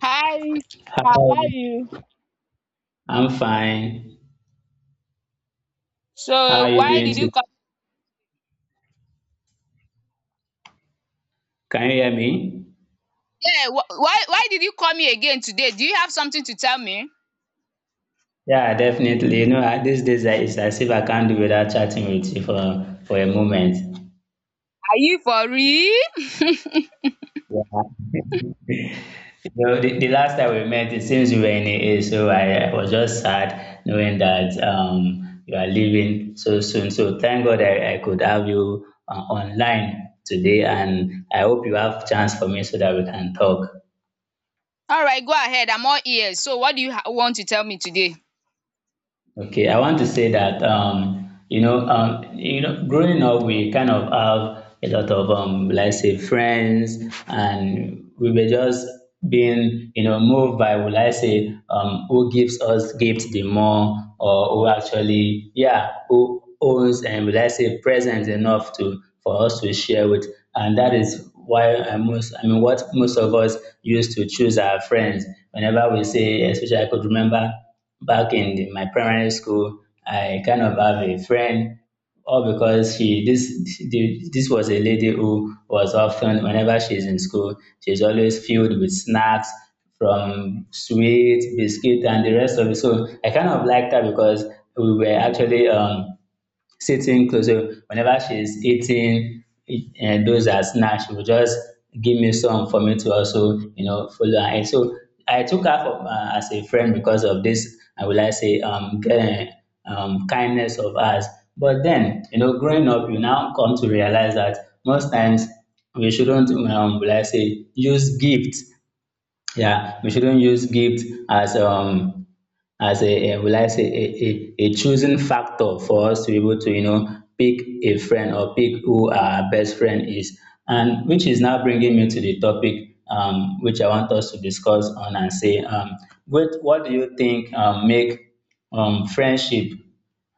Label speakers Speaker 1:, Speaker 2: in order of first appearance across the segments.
Speaker 1: Hi, how
Speaker 2: Hi,
Speaker 1: are you?
Speaker 2: I'm fine. How are
Speaker 1: So
Speaker 2: you
Speaker 1: why
Speaker 2: doing
Speaker 1: did
Speaker 2: today?
Speaker 1: you come?
Speaker 2: Can you hear me?
Speaker 1: Yeah, why did you call me again today? Do you have something to tell me? Are
Speaker 2: Yeah, definitely. These days, it's as if I can't do without chatting with you for a moment.
Speaker 1: you for real?
Speaker 2: So the last time we met, it seems you were in AA, so I was just sad knowing that you are leaving so soon. So thank God I could have you online today, and I hope you have chance for me so that we can talk.
Speaker 1: All right, go ahead. I'm all ears. So what do you want to tell me today?
Speaker 2: Okay, I want to say that, growing up, we kind of have a lot of, let's say, friends, and we were just being, moved by, will I say, who gives us gifts the more, or who actually, yeah, who owns and will I say presents enough to for us to share with, and that is why I most, I mean, what most of us used to choose our friends whenever we say, especially I could remember back in my primary school. I kind of have a friend, all because this was a lady who was often, whenever she's in school, she's always filled with snacks from sweet biscuit and the rest of it. So I kind of liked her because we were actually, sitting closer, so whenever she's eating and those are snacks, she will just give me some for me to also, follow her. And so I took her, as a friend because of this, I would like say, kindness of us. But then, growing up, you now come to realize that most times we shouldn't, will I say, use gifts, yeah, we shouldn't use gift as, as a will I say a choosing factor for us to be able to, pick a friend or pick who our best friend is, and which is now bringing me to the topic, which I want us to discuss on, and say, what do you think, make, friendship,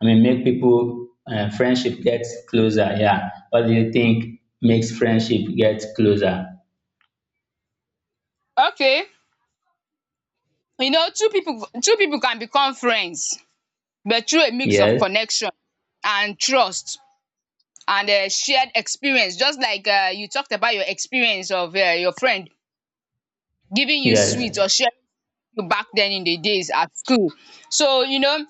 Speaker 2: I mean, make people, friendship get closer? Yeah, what do you think makes friendship get closer?
Speaker 1: Okay, you know two people can become friends, but through a mix of
Speaker 2: Yes,
Speaker 1: connection and trust and shared experience. Just like you talked about your experience of your friend giving you
Speaker 2: yes.
Speaker 1: sweets or sharing you back then in the days at school. So you know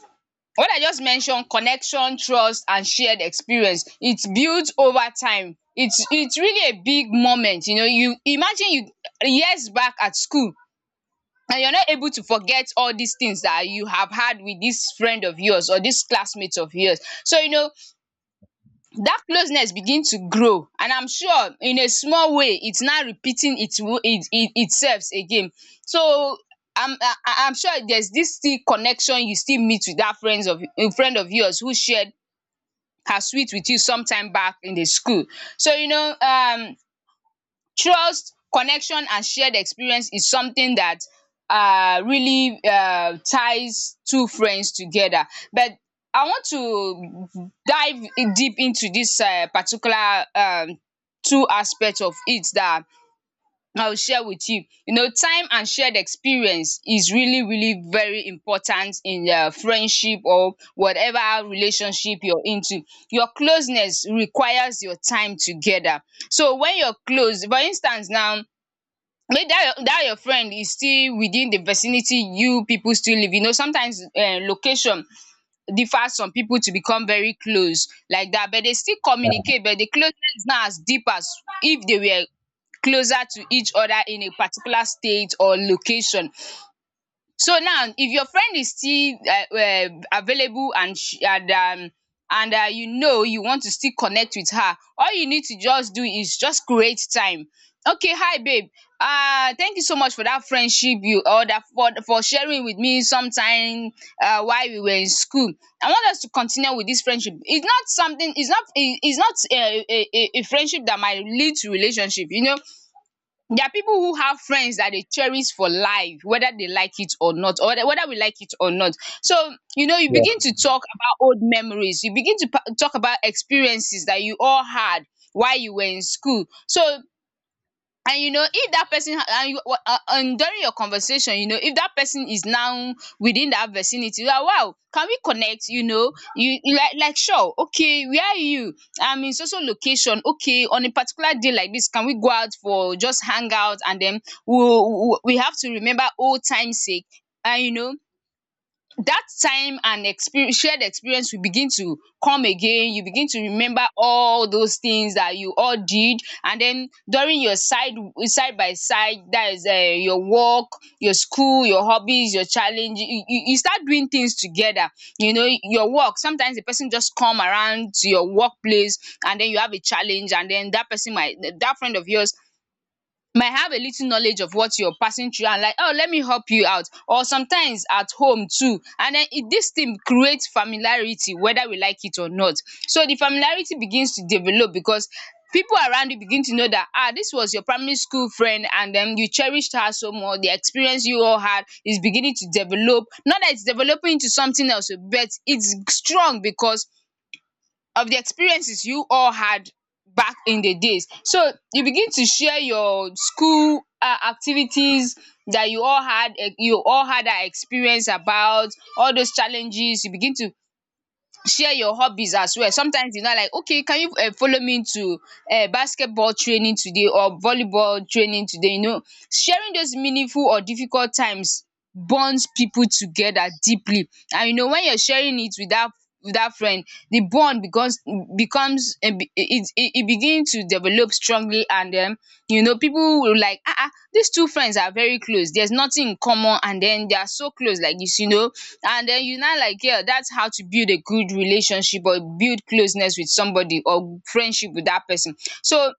Speaker 1: what I just mentioned, connection, trust and shared experience, its built over time. It's really a big moment, you know, you imagine you years back at school and you're not able to forget all these things that you have had with this friend of yours or this classmate of yours. So you know that closeness begins to grow, and I'm sure in a small way it's now repeating its wo it it itself again. So I'm sure there's this still connection, you still meet with that friends of a friend of yours who shared her sweet with you sometime back in the school. So you know, trust, connection and shared experience is something that really ties two friends together. But I want to dive deep into this particular two aspects of it that I'll share with you. You know, time and shared experience is really, really very important in friendship or whatever relationship you're into. Your closeness requires your time together. So when you're close, for instance now, maybe that your friend is still within the vicinity, you people still live. You know, sometimes location differ, some people to become very close like that, but they still communicate, but the closeness is not as deep as if they were closer to each other in a particular state or location. So now if your friend is still available and you know, you want to still connect with her, all you need to just do is just create time. Okay, hi babe, thank you so much for dat friendship you or dat for sharing with me sometime while we were in school. I want us to continue with dis friendship. It's not something, it's not a friendship that might lead to relationship, you know. There are people who have friends that they cherish for life, whether they like it or not, or whether we like it or not. So you know, you
Speaker 2: Yeah.
Speaker 1: begin to talk about old memories, you begin to pa talk about experiences that you all had while you were in school. So, and you know, if that person and during your conversation, you know, if that person is now within that vicinity you are, wow, can we connect, you know, you like, sure, okay, where are you, I'm in social location, okay, on a particular day like this, can we go out for just hang out, and then we have to remember old time sake. And you know that time and experience, shared experience will begin to come again, you begin to remember all those things that you all did, and then during your side, side by side, that is your work, your school, your hobbies, your challenge, you start doing things together, you know your work, sometimes the person just come around to your workplace, and then you have a challenge, and then that person might, that friend of yours might have a little knowledge of what you're passing through, and like, oh, let me help you out. Or sometimes at home too. And then it, this thing creates familiarity, whether we like it or not. So the familiarity begins to develop because people around you begin to know that ah, this was your primary school friend, and then you cherished her so much, the experience you all had is beginning to develop, not that it's developing into something else, but it's strong because of the experiences you all had back in the days. So you begin to share your school activities that you all had, you all had that experience about all those challenges, you begin to share your hobbies as well. Sometimes you know, like, okay, can you follow me to basketball training today or volleyball training today, you know. Sharing those meaningful or difficult times bonds people together deeply, and you know, when you're sharing it with that friend, the bond becomes becomes it it it begins to develop strongly, and den you know people will, like, ah ah, these two friends are very close, there's nothing in common, and then they are so close like this, you know, and then you now, like, yeah, that's how to build a good relationship or build closeness with somebody or friendship with that person. So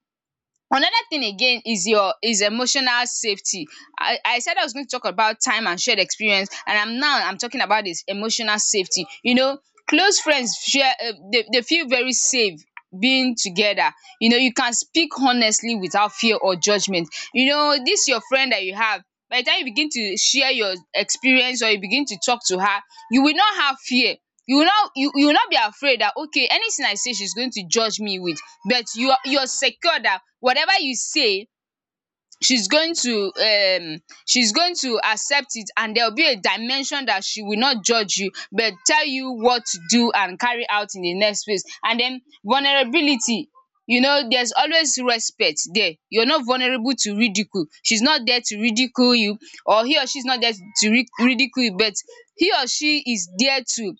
Speaker 1: another thing again is your is emotional safety. I said I was going to talk about time and shared experience, and I'm now I'm talking about this emotional safety. You know, close friends share they feel very safe being together. You know, you can speak honestly without fear or judgment. You know, this your friend that you have. By the time you begin to share your experience or you begin to talk to her, you will not have fear, you will not be afraid that okay, anything I say she's going to judge me with, but you are, you're secure that whatever you say she's going to um she's going to accept it, and there will be a dimension that she will not judge you but tell you what to do and carry out in the next place, and then vulnerability, you know, there's always respect there, you're not vulnerable to ridicule, she's not there to ridicule you, or he or she is not there to ridicule you, but he or she is there to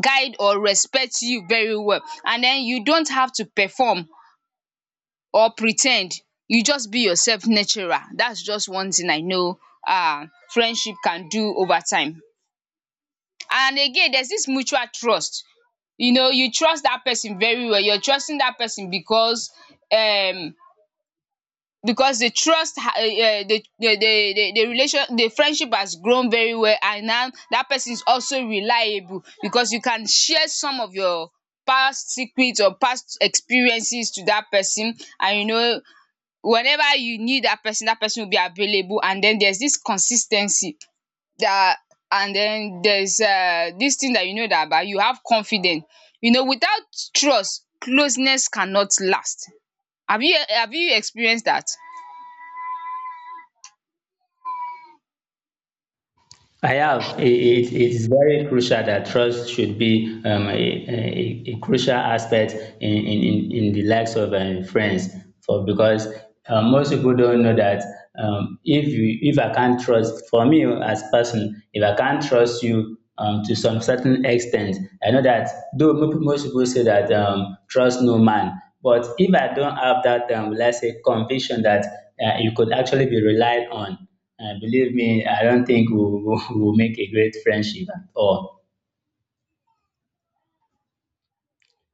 Speaker 1: guide or respect you very well, and then you don't have to perform or pretend. You just be yourself natural, that's just one thing I know friendship can do over time. And again, there's this mutual trust, you know, you trust that person very well, you're trusting that person um because the trust ha the relation the friendship has grown very well, and now that person is also reliable because you can share some of your past secrets or past experiences to that person, and you know, whenever you need that person, that person will be available, and then there's this consistency that, and then there's this thing that you know that about, you have confidence, you know, without trust closeness cannot last. Have you have you experienced that?
Speaker 2: I have. It is very crucial that trust should be, a crucial aspect in the likes of, friends. For because, most people don't know that, if I can't trust, for me as person, if I can't trust you, to some certain extent, I know that, though most people say that, trust no man. But if I don't have that, let's say, conviction that, you could actually be relied on. Believe me, I don't think we'll, we'll make a great friendship at all.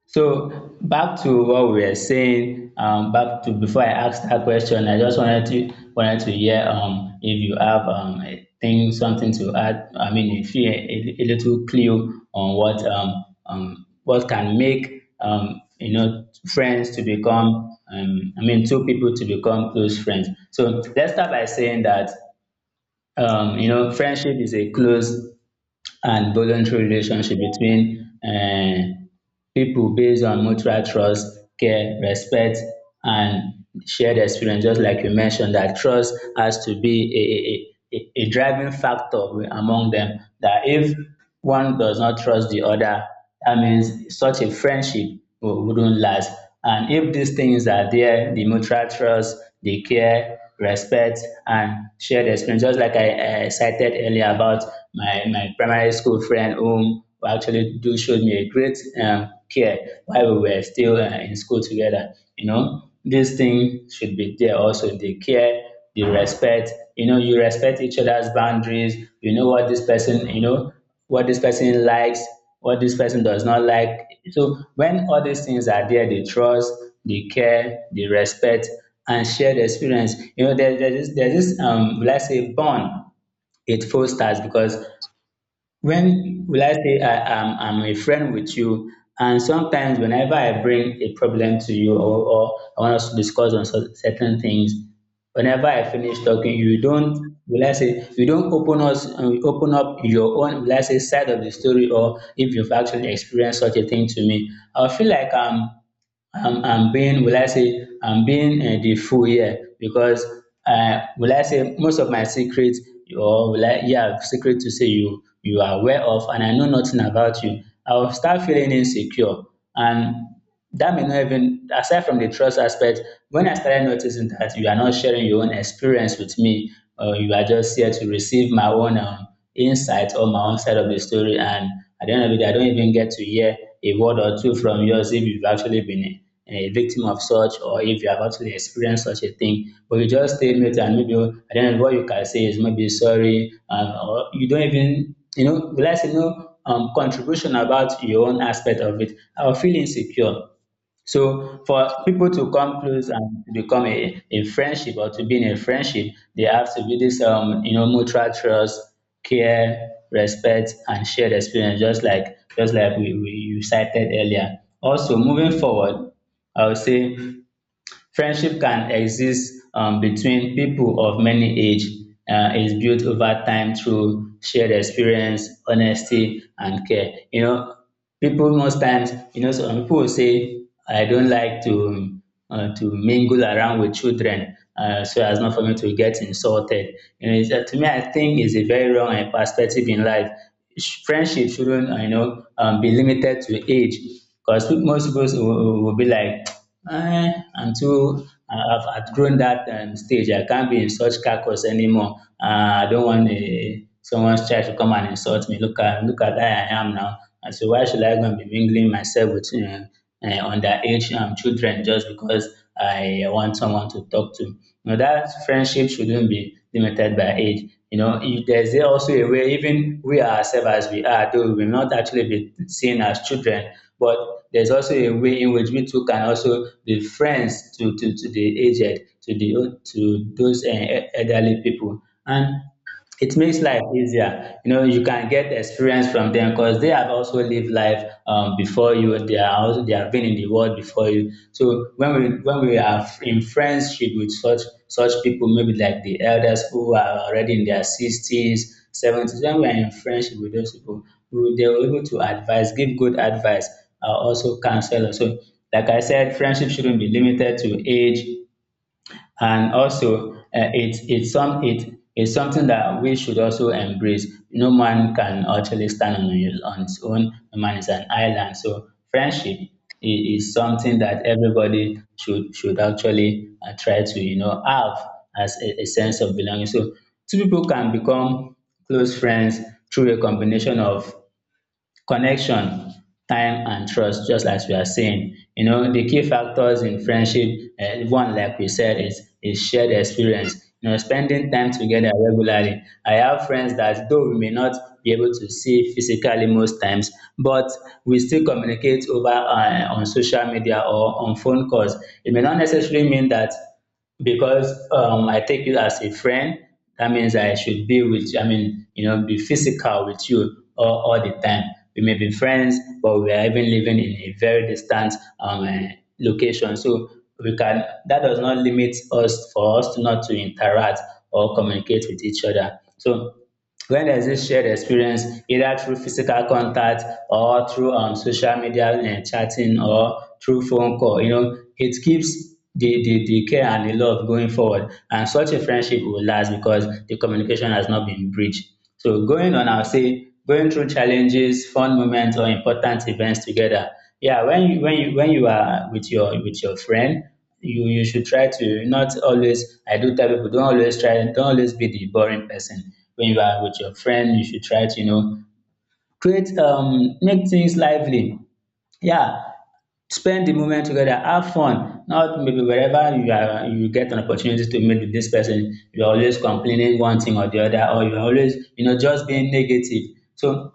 Speaker 2: So back to what we were saying. Back to before I asked that question, I just wanted to hear, if you have, a thing something to add. I mean, if you, a little clue on what, what can make, friends to become, I mean, two people to become close friends. So let's start by saying that, friendship is a close and voluntary relationship between, people based on mutual trust, care, respect, and shared experience. Just like you mentioned, that trust has to be a driving factor among them. That if one does not trust the other, that means such a friendship wouldn't last. And if these things are there, the mutual trust, the care, respect, and shared experience, just like I, cited earlier about my primary school friend, whom actually do showed me a great, care while we were still, in school together. This thing should be there also, the care, you respect, you respect each other's boundaries. You know what this person, what this person likes, what this person does not like. So when all these things are there, the trust, the care, the respect, and shared experience, there's this, let's say, bond, it fosters. Because when, will I say, I'm a friend with you? And sometimes whenever I bring a problem to you, or I want us to discuss on certain things, whenever I finish talking, you don't, will I say, you don't open up your own, will I say, side of the story, or if you've actually experienced such a thing to me. I feel like I'm being will I say I'm being, the fool here, because, will I say, most of my secrets, or will I, yeah, secret to say, you are aware of, and I know nothing about you. I will start feeling insecure, and that may not even, aside from the trust aspect. When I started noticing that you are not sharing your own experience with me, or you are just here to receive my own. Insight or my own side of the story. And at the end of the day, I don't even get to hear a word or two from yours, if you've actually been a victim of such, or if you have actually experienced such a thing. But you just stay mute, and maybe at the end of what you can say is maybe sorry, or you don't even, let's say, no, contribution about your own aspect of it. I'll feel insecure. So for people to come close and to become a friendship, or to be in a friendship, they have to be this, mutual trust, care, respect, and shared experience, just like we you cited earlier. Also, moving forward, I would say friendship can exist, between people of many age, is built over time through shared experience, honesty, and care. People most times, some people will say, I don't like to, mingle around with children, so as not for me to get insulted. It's, to me, I think it's a very wrong, perspective in life. Friendship shouldn't, be limited to age. Because most people will be like, I've outgrown that, stage. I can't be in such carcass anymore. I don't want, someone's child to come and insult me. Look at where I am now. And so why should I go and be mingling myself with, underage, children, just because I want someone to talk to. That friendship shouldn't be limited by age. If there's also a way, even we ourselves as we are, though we will not actually be seen as children, but there's also a way in which we too can also be friends to the aged, to those, elderly people. And it makes life easier. You can get experience from them, because they have also lived life, before you. They are also they have been in the world before you. So when we are in friendship with such people, maybe like the elders who are already in their 60s, 70s. When we are in friendship with those people, they are able to advise, give good advice, also counsel. So like I said, friendship shouldn't be limited to age. And also, it is something that we should also embrace. No man can actually stand on his own. No man is an island. So friendship is something that everybody should actually, try to, have as a sense of belonging. So two people can become close friends through a combination of connection, time, and trust, just as we are saying. The key factors in friendship, one, like we said, is shared experience. Spending time together regularly, I have friends that, though we may not be able to see physically most times, but we still communicate over, on social media or on phone calls. It may not necessarily mean that, because, I take you as a friend. That means I should be with you. I mean, be physical with you all the time. We may be friends, but we are even living in a very distant, location. So we can that does not limit us, for us to not to interact or communicate with each other. So when there's this shared experience either through physical contact or through social media and chatting or through phone call, you know, it keeps the care and the love going forward, and such a friendship will last because the communication has not been breached. So going on, I'll say going through challenges, fun moments, or important events together. Yeah, when you are with your friend, you should try to not always. I do tell people don't always try, don't always be the boring person. When you are with your friend, you should try to, you know, create make things lively. Yeah, spend the moment together, have fun. Not maybe wherever you are, you get an opportunity to meet with this person, you're always complaining one thing or the other, or you're always, you know, just being negative. So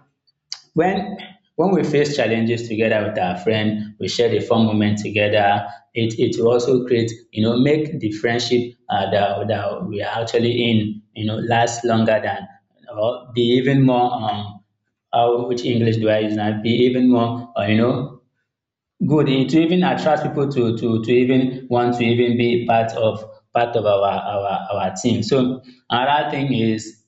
Speaker 2: when we face challenges together with our friend, we share the fun moment together. It will also create, you know, make the friendship that we are actually in, you know, last longer than or be even more how which English do I use now? Be even more, you know, good e to even attract people to to even want to even be part of our team. So another thing is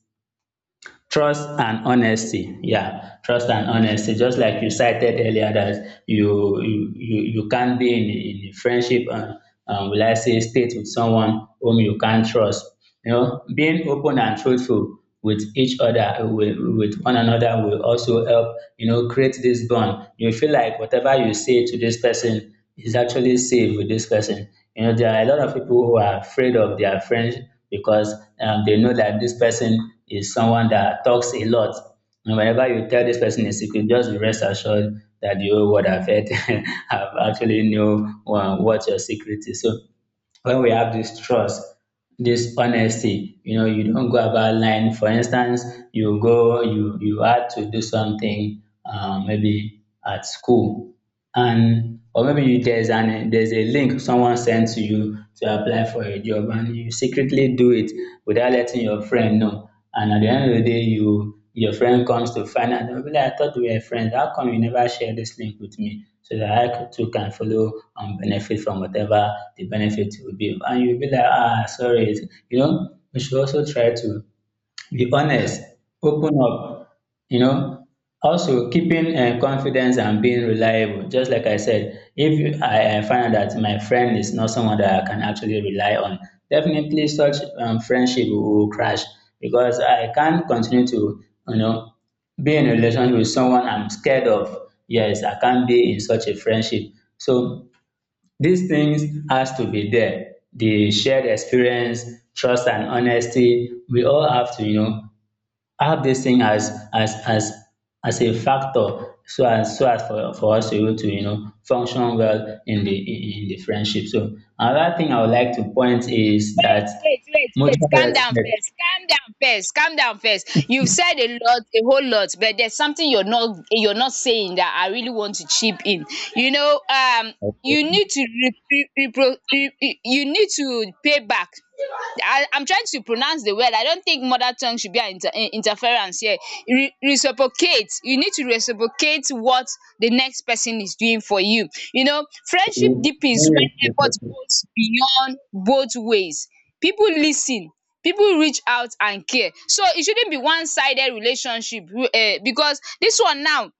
Speaker 2: trust and honesty. Yeah, trust and honesty. Just like you cited earlier that you can't be in a friendship and will I say state with someone whom you can't trust. You know, being open and truthful with each other with one another will also help, you know, create this bond. You feel like whatever you say to this person is actually safe with this person. You know, there are a lot of people who are afraid of their friends because they know that this person is someone that talks a lot. And whenever you tell this person a secret, just be rest assured that the whole world have heard, have actually knew what your secret is. So when we have this trust, this honesty, you know, you don't go about lying. For instance, you go, you had to do something, maybe at school, and or maybe you there's a link someone sent to you to apply for a job and you secretly do it without letting your friend know, and at the end of the day you your friend comes to find out, "Oh, really, I thought we were friends. How come you never share this link with me so that too can follow and benefit from whatever the benefit will be?" And you'll be like, "Ah, sorry." You know, we should also try to be honest, open up, you know. Also, keeping confidence and being reliable. Just like I said, if you, I find out that my friend is not someone that I can actually rely on, definitely such friendship will crash because I can't continue to, you know, be in a relationship with someone I'm scared of. Yes, I can't be in such a friendship. So these things has to be there. The shared experience, trust and honesty, we all have to, you know, I have this thing as a factor so as for us to be able to, you know, function well in the in the friendship. So another thing I would like to point is that
Speaker 1: Wait, wait, wait.
Speaker 2: mutual
Speaker 1: Calm down
Speaker 2: respect.
Speaker 1: first. Calm down first. Calm down first. You've said a lot, a whole lot, but there's something you're not saying that I really want to chip in. You know,
Speaker 2: Okay?
Speaker 1: you need to you need to pay back. I, I'm trying to pronounce the word, I don't think mother tongue should be an interference here. Reciprocate, you need to reciprocate what the next person is doing for you, you know. Friendship
Speaker 2: You-
Speaker 1: deepens when effort goes beyond both ways, people listen, people reach out and care, so it shouldn't be one-sided relationship. Uh, because this one now,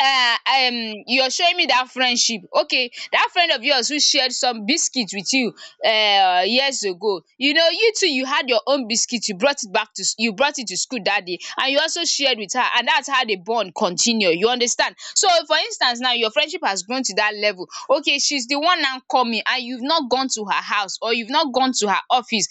Speaker 1: you're showing me that friendship, okay, that friend of yours who shared some biscuit with you years ago, you know, you too, you had your own biscuit, you brought it back to you brought it to school that day and you also shared with her, and that's how the bond continue, you understand. So for instance now your friendship has grown to that level, okay, she's the one now coming, and you've not gone to her house, or you've not gone to her office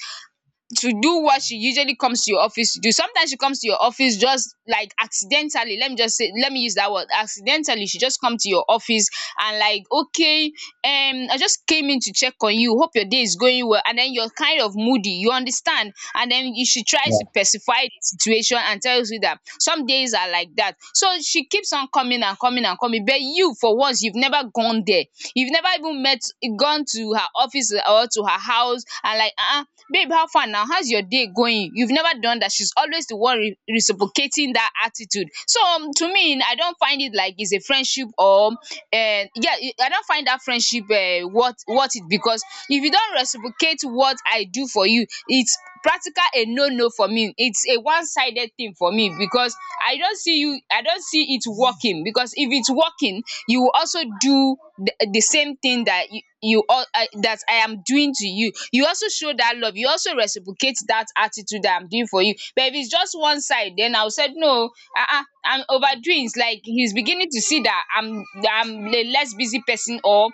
Speaker 1: to do what she usually comes to your office to do. Sometimes she comes to your office just like accidentally. Let me just say, let me use that word. Accidentally, she just come to your office and, like, okay, I just came in to check on you. Hope your day is going well. And then you're kind of moody. You understand? And then she tries to
Speaker 2: you-
Speaker 1: pacify the situation and tells you that some days are like that. So she keeps on coming and coming and coming. But you, for once, you've never gone there. You've never even met, gone to her office or to her house and, like, babe, how far now? How's your day going? You've never done that. She's always the one reciprocating that attitude. So to me, I don't find it like it's a friendship or yeah, I don't find that friendship worth it because if you don't reciprocate what I do for you, it's practical a no no for me. It's a one sided thing for me because I don't see you I don't see it working, because if it's working you will also do the same thing that you all that I am doing to you. You also show that love, you also reciprocate that attitude that I'm doing for you. But if it's just one side, then I'll say no. Uh-uh, I'm overdoing. It's like he's beginning to see that I'm a less busy person, or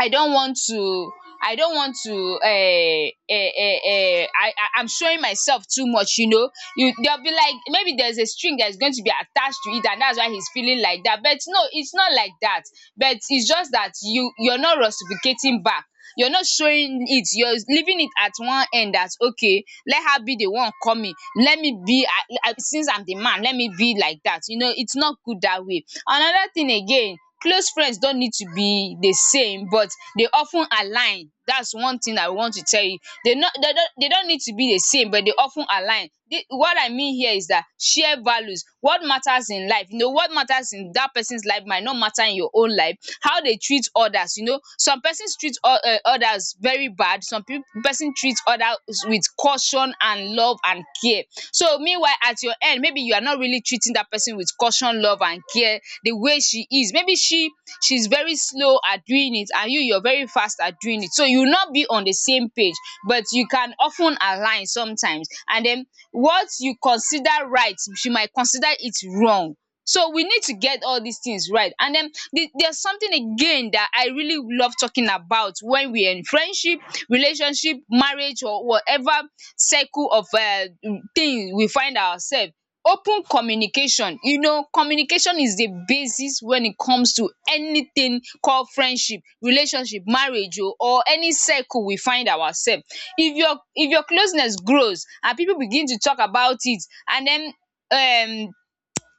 Speaker 1: I don't want to, I don't want to I'm showing myself too much, you know. You they'll be like maybe there's a string that's going to be attached to it, and that's why he's feeling like that, but no, it's not like that. But it's just that you're not reciprocating back, you're not showing it, you're leaving it at one end that okay, let her be the one coming, let me be. I, since I'm the man, let me be like that, you know. It's not good that way. Another thing again, close friends don't need to be the same, but they often align. That's one thing I want to tell you. They don't need to be the same, but they often ten align. What I mean here is that share values. What matters in life, you know, what matters in that person's life might not matter in your own life. How they treat others, you know. Some persons treat others very bad, some people person treats others with caution and love and care. So meanwhile at your end, maybe you are not really treating that person with caution, love and care the way she is. Maybe she's very slow at doing it and you're very fast at doing it. So you will not be on the same page, but you can often align sometimes. And then what you consider right, she might consider it wrong. So we need to get all these things right. And then there's something again that I really love talking about when we're in friendship, relationship, marriage, or whatever circle of thing we find ourselves. Open communication. You know, communication is the basis when it comes to anything called friendship, relationship, marriage, or any circle we find ourselves. If your closeness grows and people begin to talk about it, and then um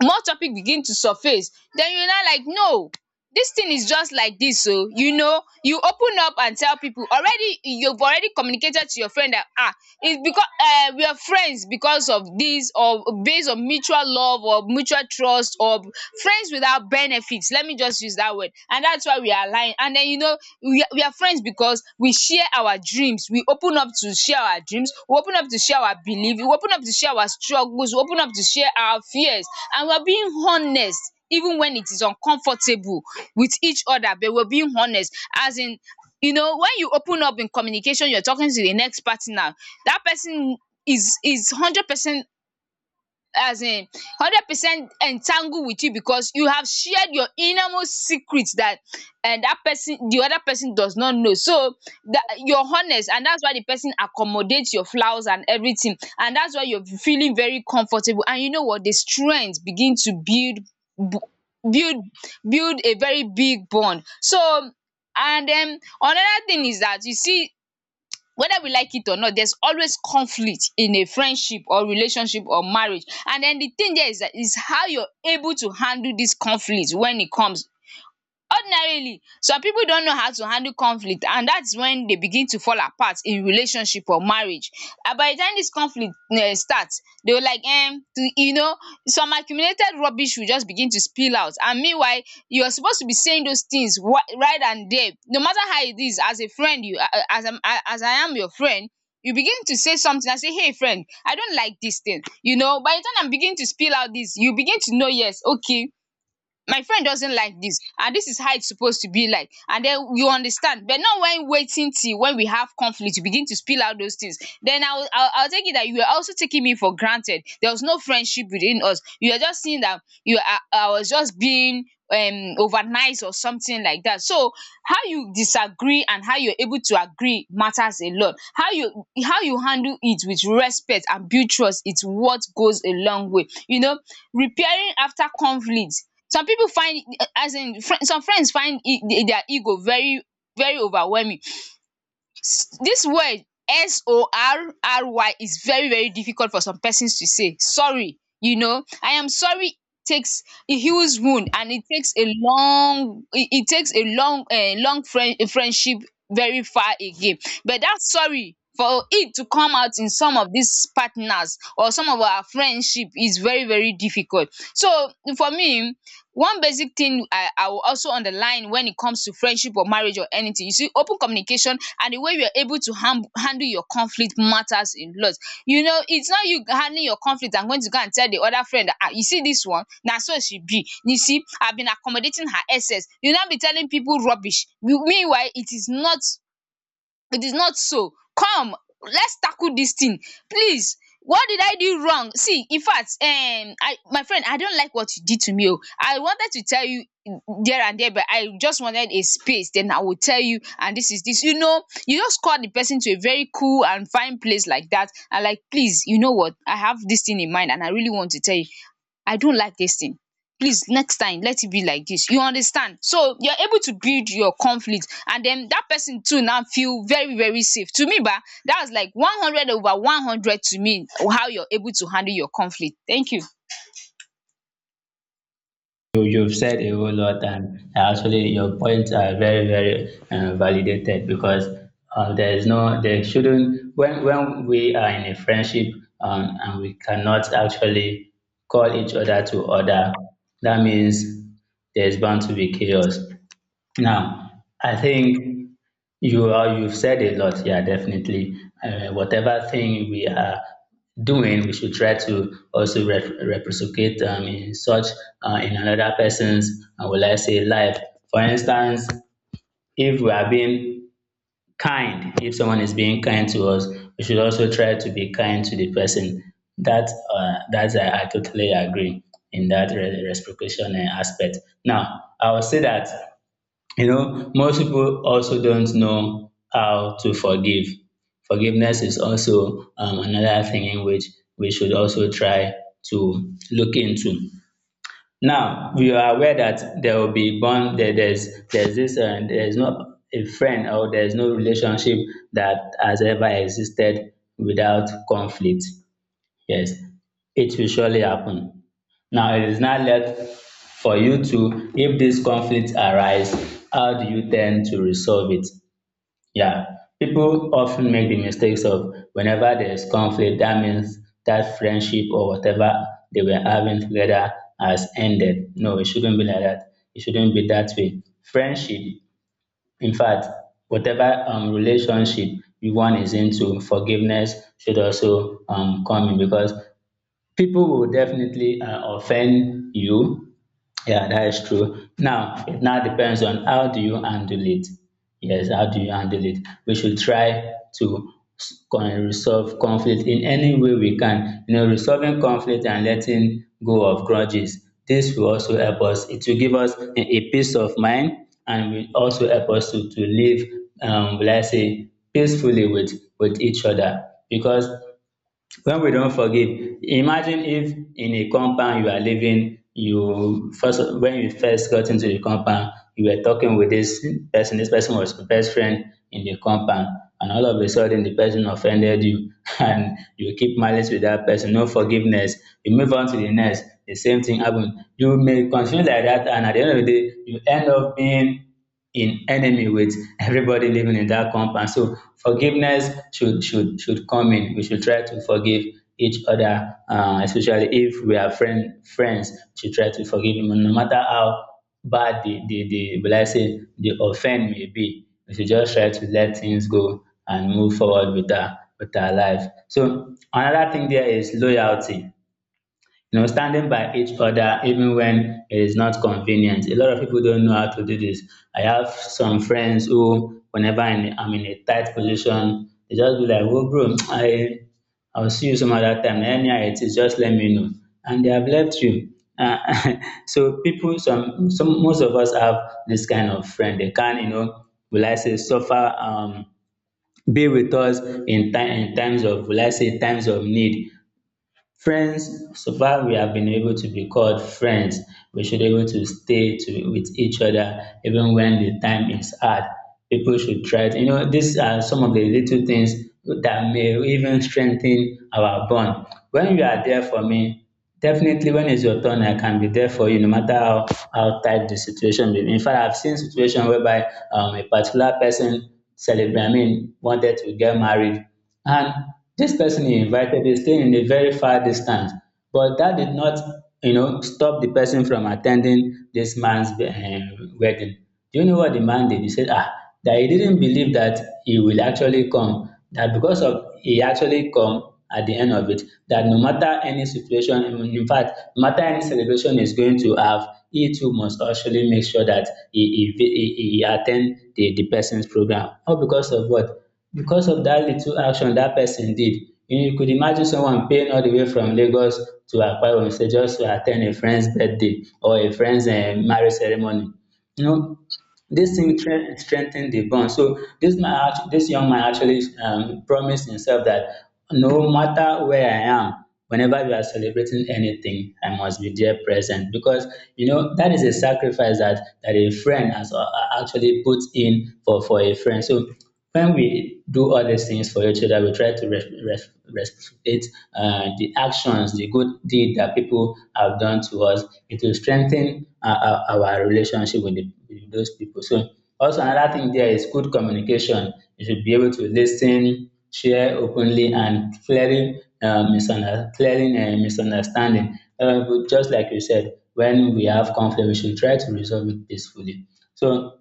Speaker 1: more topic begin to surface. Then you now like, no, this thing is just like this. So you know, you open up and tell people. Already you've already communicated to your friend that ah, it's because we are friends because of this, or based on mutual love or mutual trust, or friends without benefits, let me just use that word. And that's why we are aligned. And then, you know, we are friends because we share our dreams. We open up to share our dreams. We open up to share our beliefs. We open up to share our struggles. We open up to share our fears. And we're being honest. Even when it is uncomfortable with each other, but we're being honest. As in, you know, when you open up in communication, you're talking to the next partner. That person is 100%, as in 100% entangled with you because you have shared your innermost secret that and that person, the other person, does not know. So that you're honest, and that's why the person accommodates your flaws and everything, and that's why you're feeling very comfortable. And you know what, the strength begin to build bu- build build a very big bond. So, and then another thing is that you see, whether we like it or not, there's always conflict in a friendship or relationship or marriage. And then the thing there is, that is how you're able to handle this conflict when it comes. Ordinarily, some people don't know how to handle conflict, and that's when they begin to fall apart in relationship or marriage. And by the time this conflict start, they will like to, you know, some accumulated rubbish will just begin to spill out. And meanwhile you're supposed to be saying those things right and there, no matter how it is. As a friend, you a- as I'm, a- as I am your friend, you begin to say something, I say hey friend, I don't like this thing, you know. By the time I am beginning to spill out this, you begin to know, yes okay, my friend doesn't like this, and this is how it's supposed to be like. And then you understand. But not when waiting till when we have conflict, you begin to spill out those things, then I'll take it that you were also taking me for granted, there was no friendship within us. You were just seeing that I was just being overnight or something like that. So how you disagree and how you're able to agree matters a lot. How you handle it with respect and build trust, it's what goes a long way, you know. Repairing after conflict, some people find, as in some friends find their ego very very overwhelming. This word sorry is very very difficult for some persons to say sorry. You know, I am sorry takes a huge wound, and it takes a long, it takes a long, a long friendship very far again. But that sorry, for it to come out in some of these partners or some of our friendship, is very very difficult. So for me, one basic thing I will also underline when it comes to friendship or marriage or anything, you see, open communication and the way you are able to handle your conflict matters a lot. You know, it's not you handling your conflict and going to go and tell the other friend dat you see this one now, so she be, you see I have been accommodating her excess, you now be telling people rubbish. Meanwhile it is not, it is not so. Come, let's tackle this thing, please. What did I do wrong? See, in fact, I, my friend, I don't like what you did to me. Oh, I wanted to tell you there and there, but I just wanted a space, then I will tell you. And this is this, you know, you just call the person to a very cool and fine place like that and like, please, you know what, I have this thing in mind and I really want to tell you, I don't like this thing, please next time let it be like this, you understand. So you're able to build your conflict, and then that person too now feel very very safe to me ba. That's like 100 over 100 to me, how you're able to handle your conflict. Thank you.
Speaker 2: you've said a whole lot, and actually, your points are very, very validated because there is no, there shouldn't, when we are in a friendship and we cannot actually call each other to order, that means there's bound to be chaos. Now, I think you are, you've said a lot, yeah, definitely. Whatever thing we are doing, we should try to also reciprocate in such in another person's, will I say, life. For instance, if we are being kind, if someone is being kind to us, we should also try to be kind to the person. That that's I totally agree in that reciprocation aspect. Now, I will say that, you know, most people also don't know how to forgive. Forgiveness is also another thing in which we should also try to look into. Now we are aware that there will be bond. There's this there's no a friend or there's no relationship that has ever existed without conflict. Yes, it will surely happen. Now it is now left for you to, if this conflict arise, how do you tend to resolve it? Yeah, people often make the mistakes of whenever there is conflict, that means that friendship or whatever they were having together has ended. No, it shouldn't be like that. It shouldn't be that way. Friendship, in fact, whatever relationship you one is into, forgiveness should also come in because people will definitely offend you. Yeah, that is true. Now, it now depends on how do you handle it. Yes, how do you handle it? We should try to resolve conflict in any way we can. You know, resolving conflict and letting go of grudges. This will also help us. It will give us a peace of mind and will also help us to live, let's say, peacefully with each other. Because when we don't forgive, imagine if in a compound you are living, you first when you first got into the compound, you were talking with this person was your best friend in the compound, and all of a sudden the person offended you and you keep malice with that person, no forgiveness. You move on to the next, the same thing happen. You may continue like that, and at the end of the day, you end up being in enemy with everybody living in that compound. So forgiveness should come in. We should try to forgive each other, especially if we are friends. Should try to forgive them, no matter how bad the will I say the offend may be. We should just try to let things go and move forward with our life. So another thing there is loyalty. You know, standing by each other even when it is not convenient. A lot of people don't know how to do this. I have some friends who, whenever I'm in a tight position, they just be like, "Oh bro, I'll see you some other time. Anyhow it is, just let me know." And they have left you, uh, so people, some most of us have this kind of friend. They can, you know, will I say suffer, be with us in time, in times of, will I say, times of need. Friends, so far we have been able to be called friends. We should be able to with each other even when the time is hard. People should try to, you know, these are some of the little things that may even strengthen our bond. When you are there for me, definitely when it's your turn, I can be there for you no matter how tight the situation may be. In fact, I've seen situations whereby a particular person celebrate, I mean, wanted to get married. And this person he invited is staying in a very far distance. But that did not, you know, stop the person from attending this man's wedding. Do you know what the man did? He said, ah, that he didn't believe that he will actually come, that because of he actually come, at the end of it, that no matter any situation, in fact, no matter any celebration is going to have, he too must actually make sure that he attend the person's program. All because of what? Because of that little action that person did. You could imagine someone paying all the way from Lagos to Akwa Ibom State just to attend a friend's birthday or a friend's eh, marriage ceremony. You know, this thing strengthen the bond. So this man, this young man actually promised himself that no matter where I am, whenever we are celebrating anything, I must be there present because, you know, that is a sacrifice that a friend has actually put in for a friend. So when we do all these things for each other, we try to reciprocate the actions, the good deed that people have done to us. It will strengthen our relationship with, the, with those people. So, also another thing there is good communication. You should be able to listen, share openly, and clearing clearing misunderstanding. But just like you said, when we have conflict, we should try to resolve it peacefully. So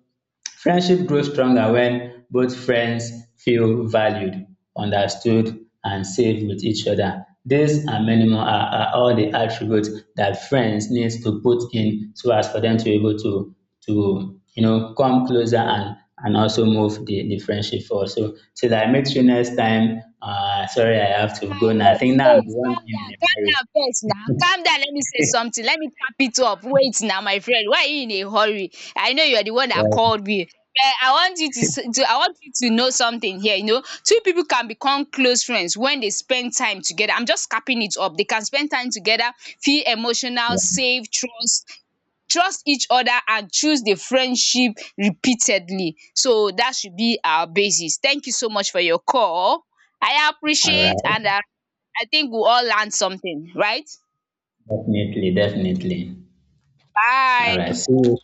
Speaker 2: friendship grows stronger when both friends feel valued, understood, and safe with each other. These and many more are all the attributes that friends needs to put in so as for them to be able to, you know, come closer and also move the friendship forward. So till I meet you next time, uh, sorry, I have to go now. I
Speaker 1: Wait,
Speaker 2: think now I'm
Speaker 1: wait,
Speaker 2: the one being in a
Speaker 1: calm
Speaker 2: hurry.
Speaker 1: down first now. Calm down, let me say something. Let me cap it up. Wait now, my friend. Why are you in a hurry? I know you are the one that
Speaker 2: Well,
Speaker 1: called me. But I want you to, I want you to know something here. You know, two people can become close friends when they spend time together. I'm just capping it up. They can spend time together, feel emotional,
Speaker 2: yeah.
Speaker 1: safe, trust each other, and choose the friendship repeatedly. So that should be our basis. Thank you so much for your call. I
Speaker 2: All
Speaker 1: appreciate, and
Speaker 2: right.
Speaker 1: I think we'll all learn something, right?
Speaker 2: Definitely, definitely. All right.
Speaker 1: Bye.
Speaker 2: See you.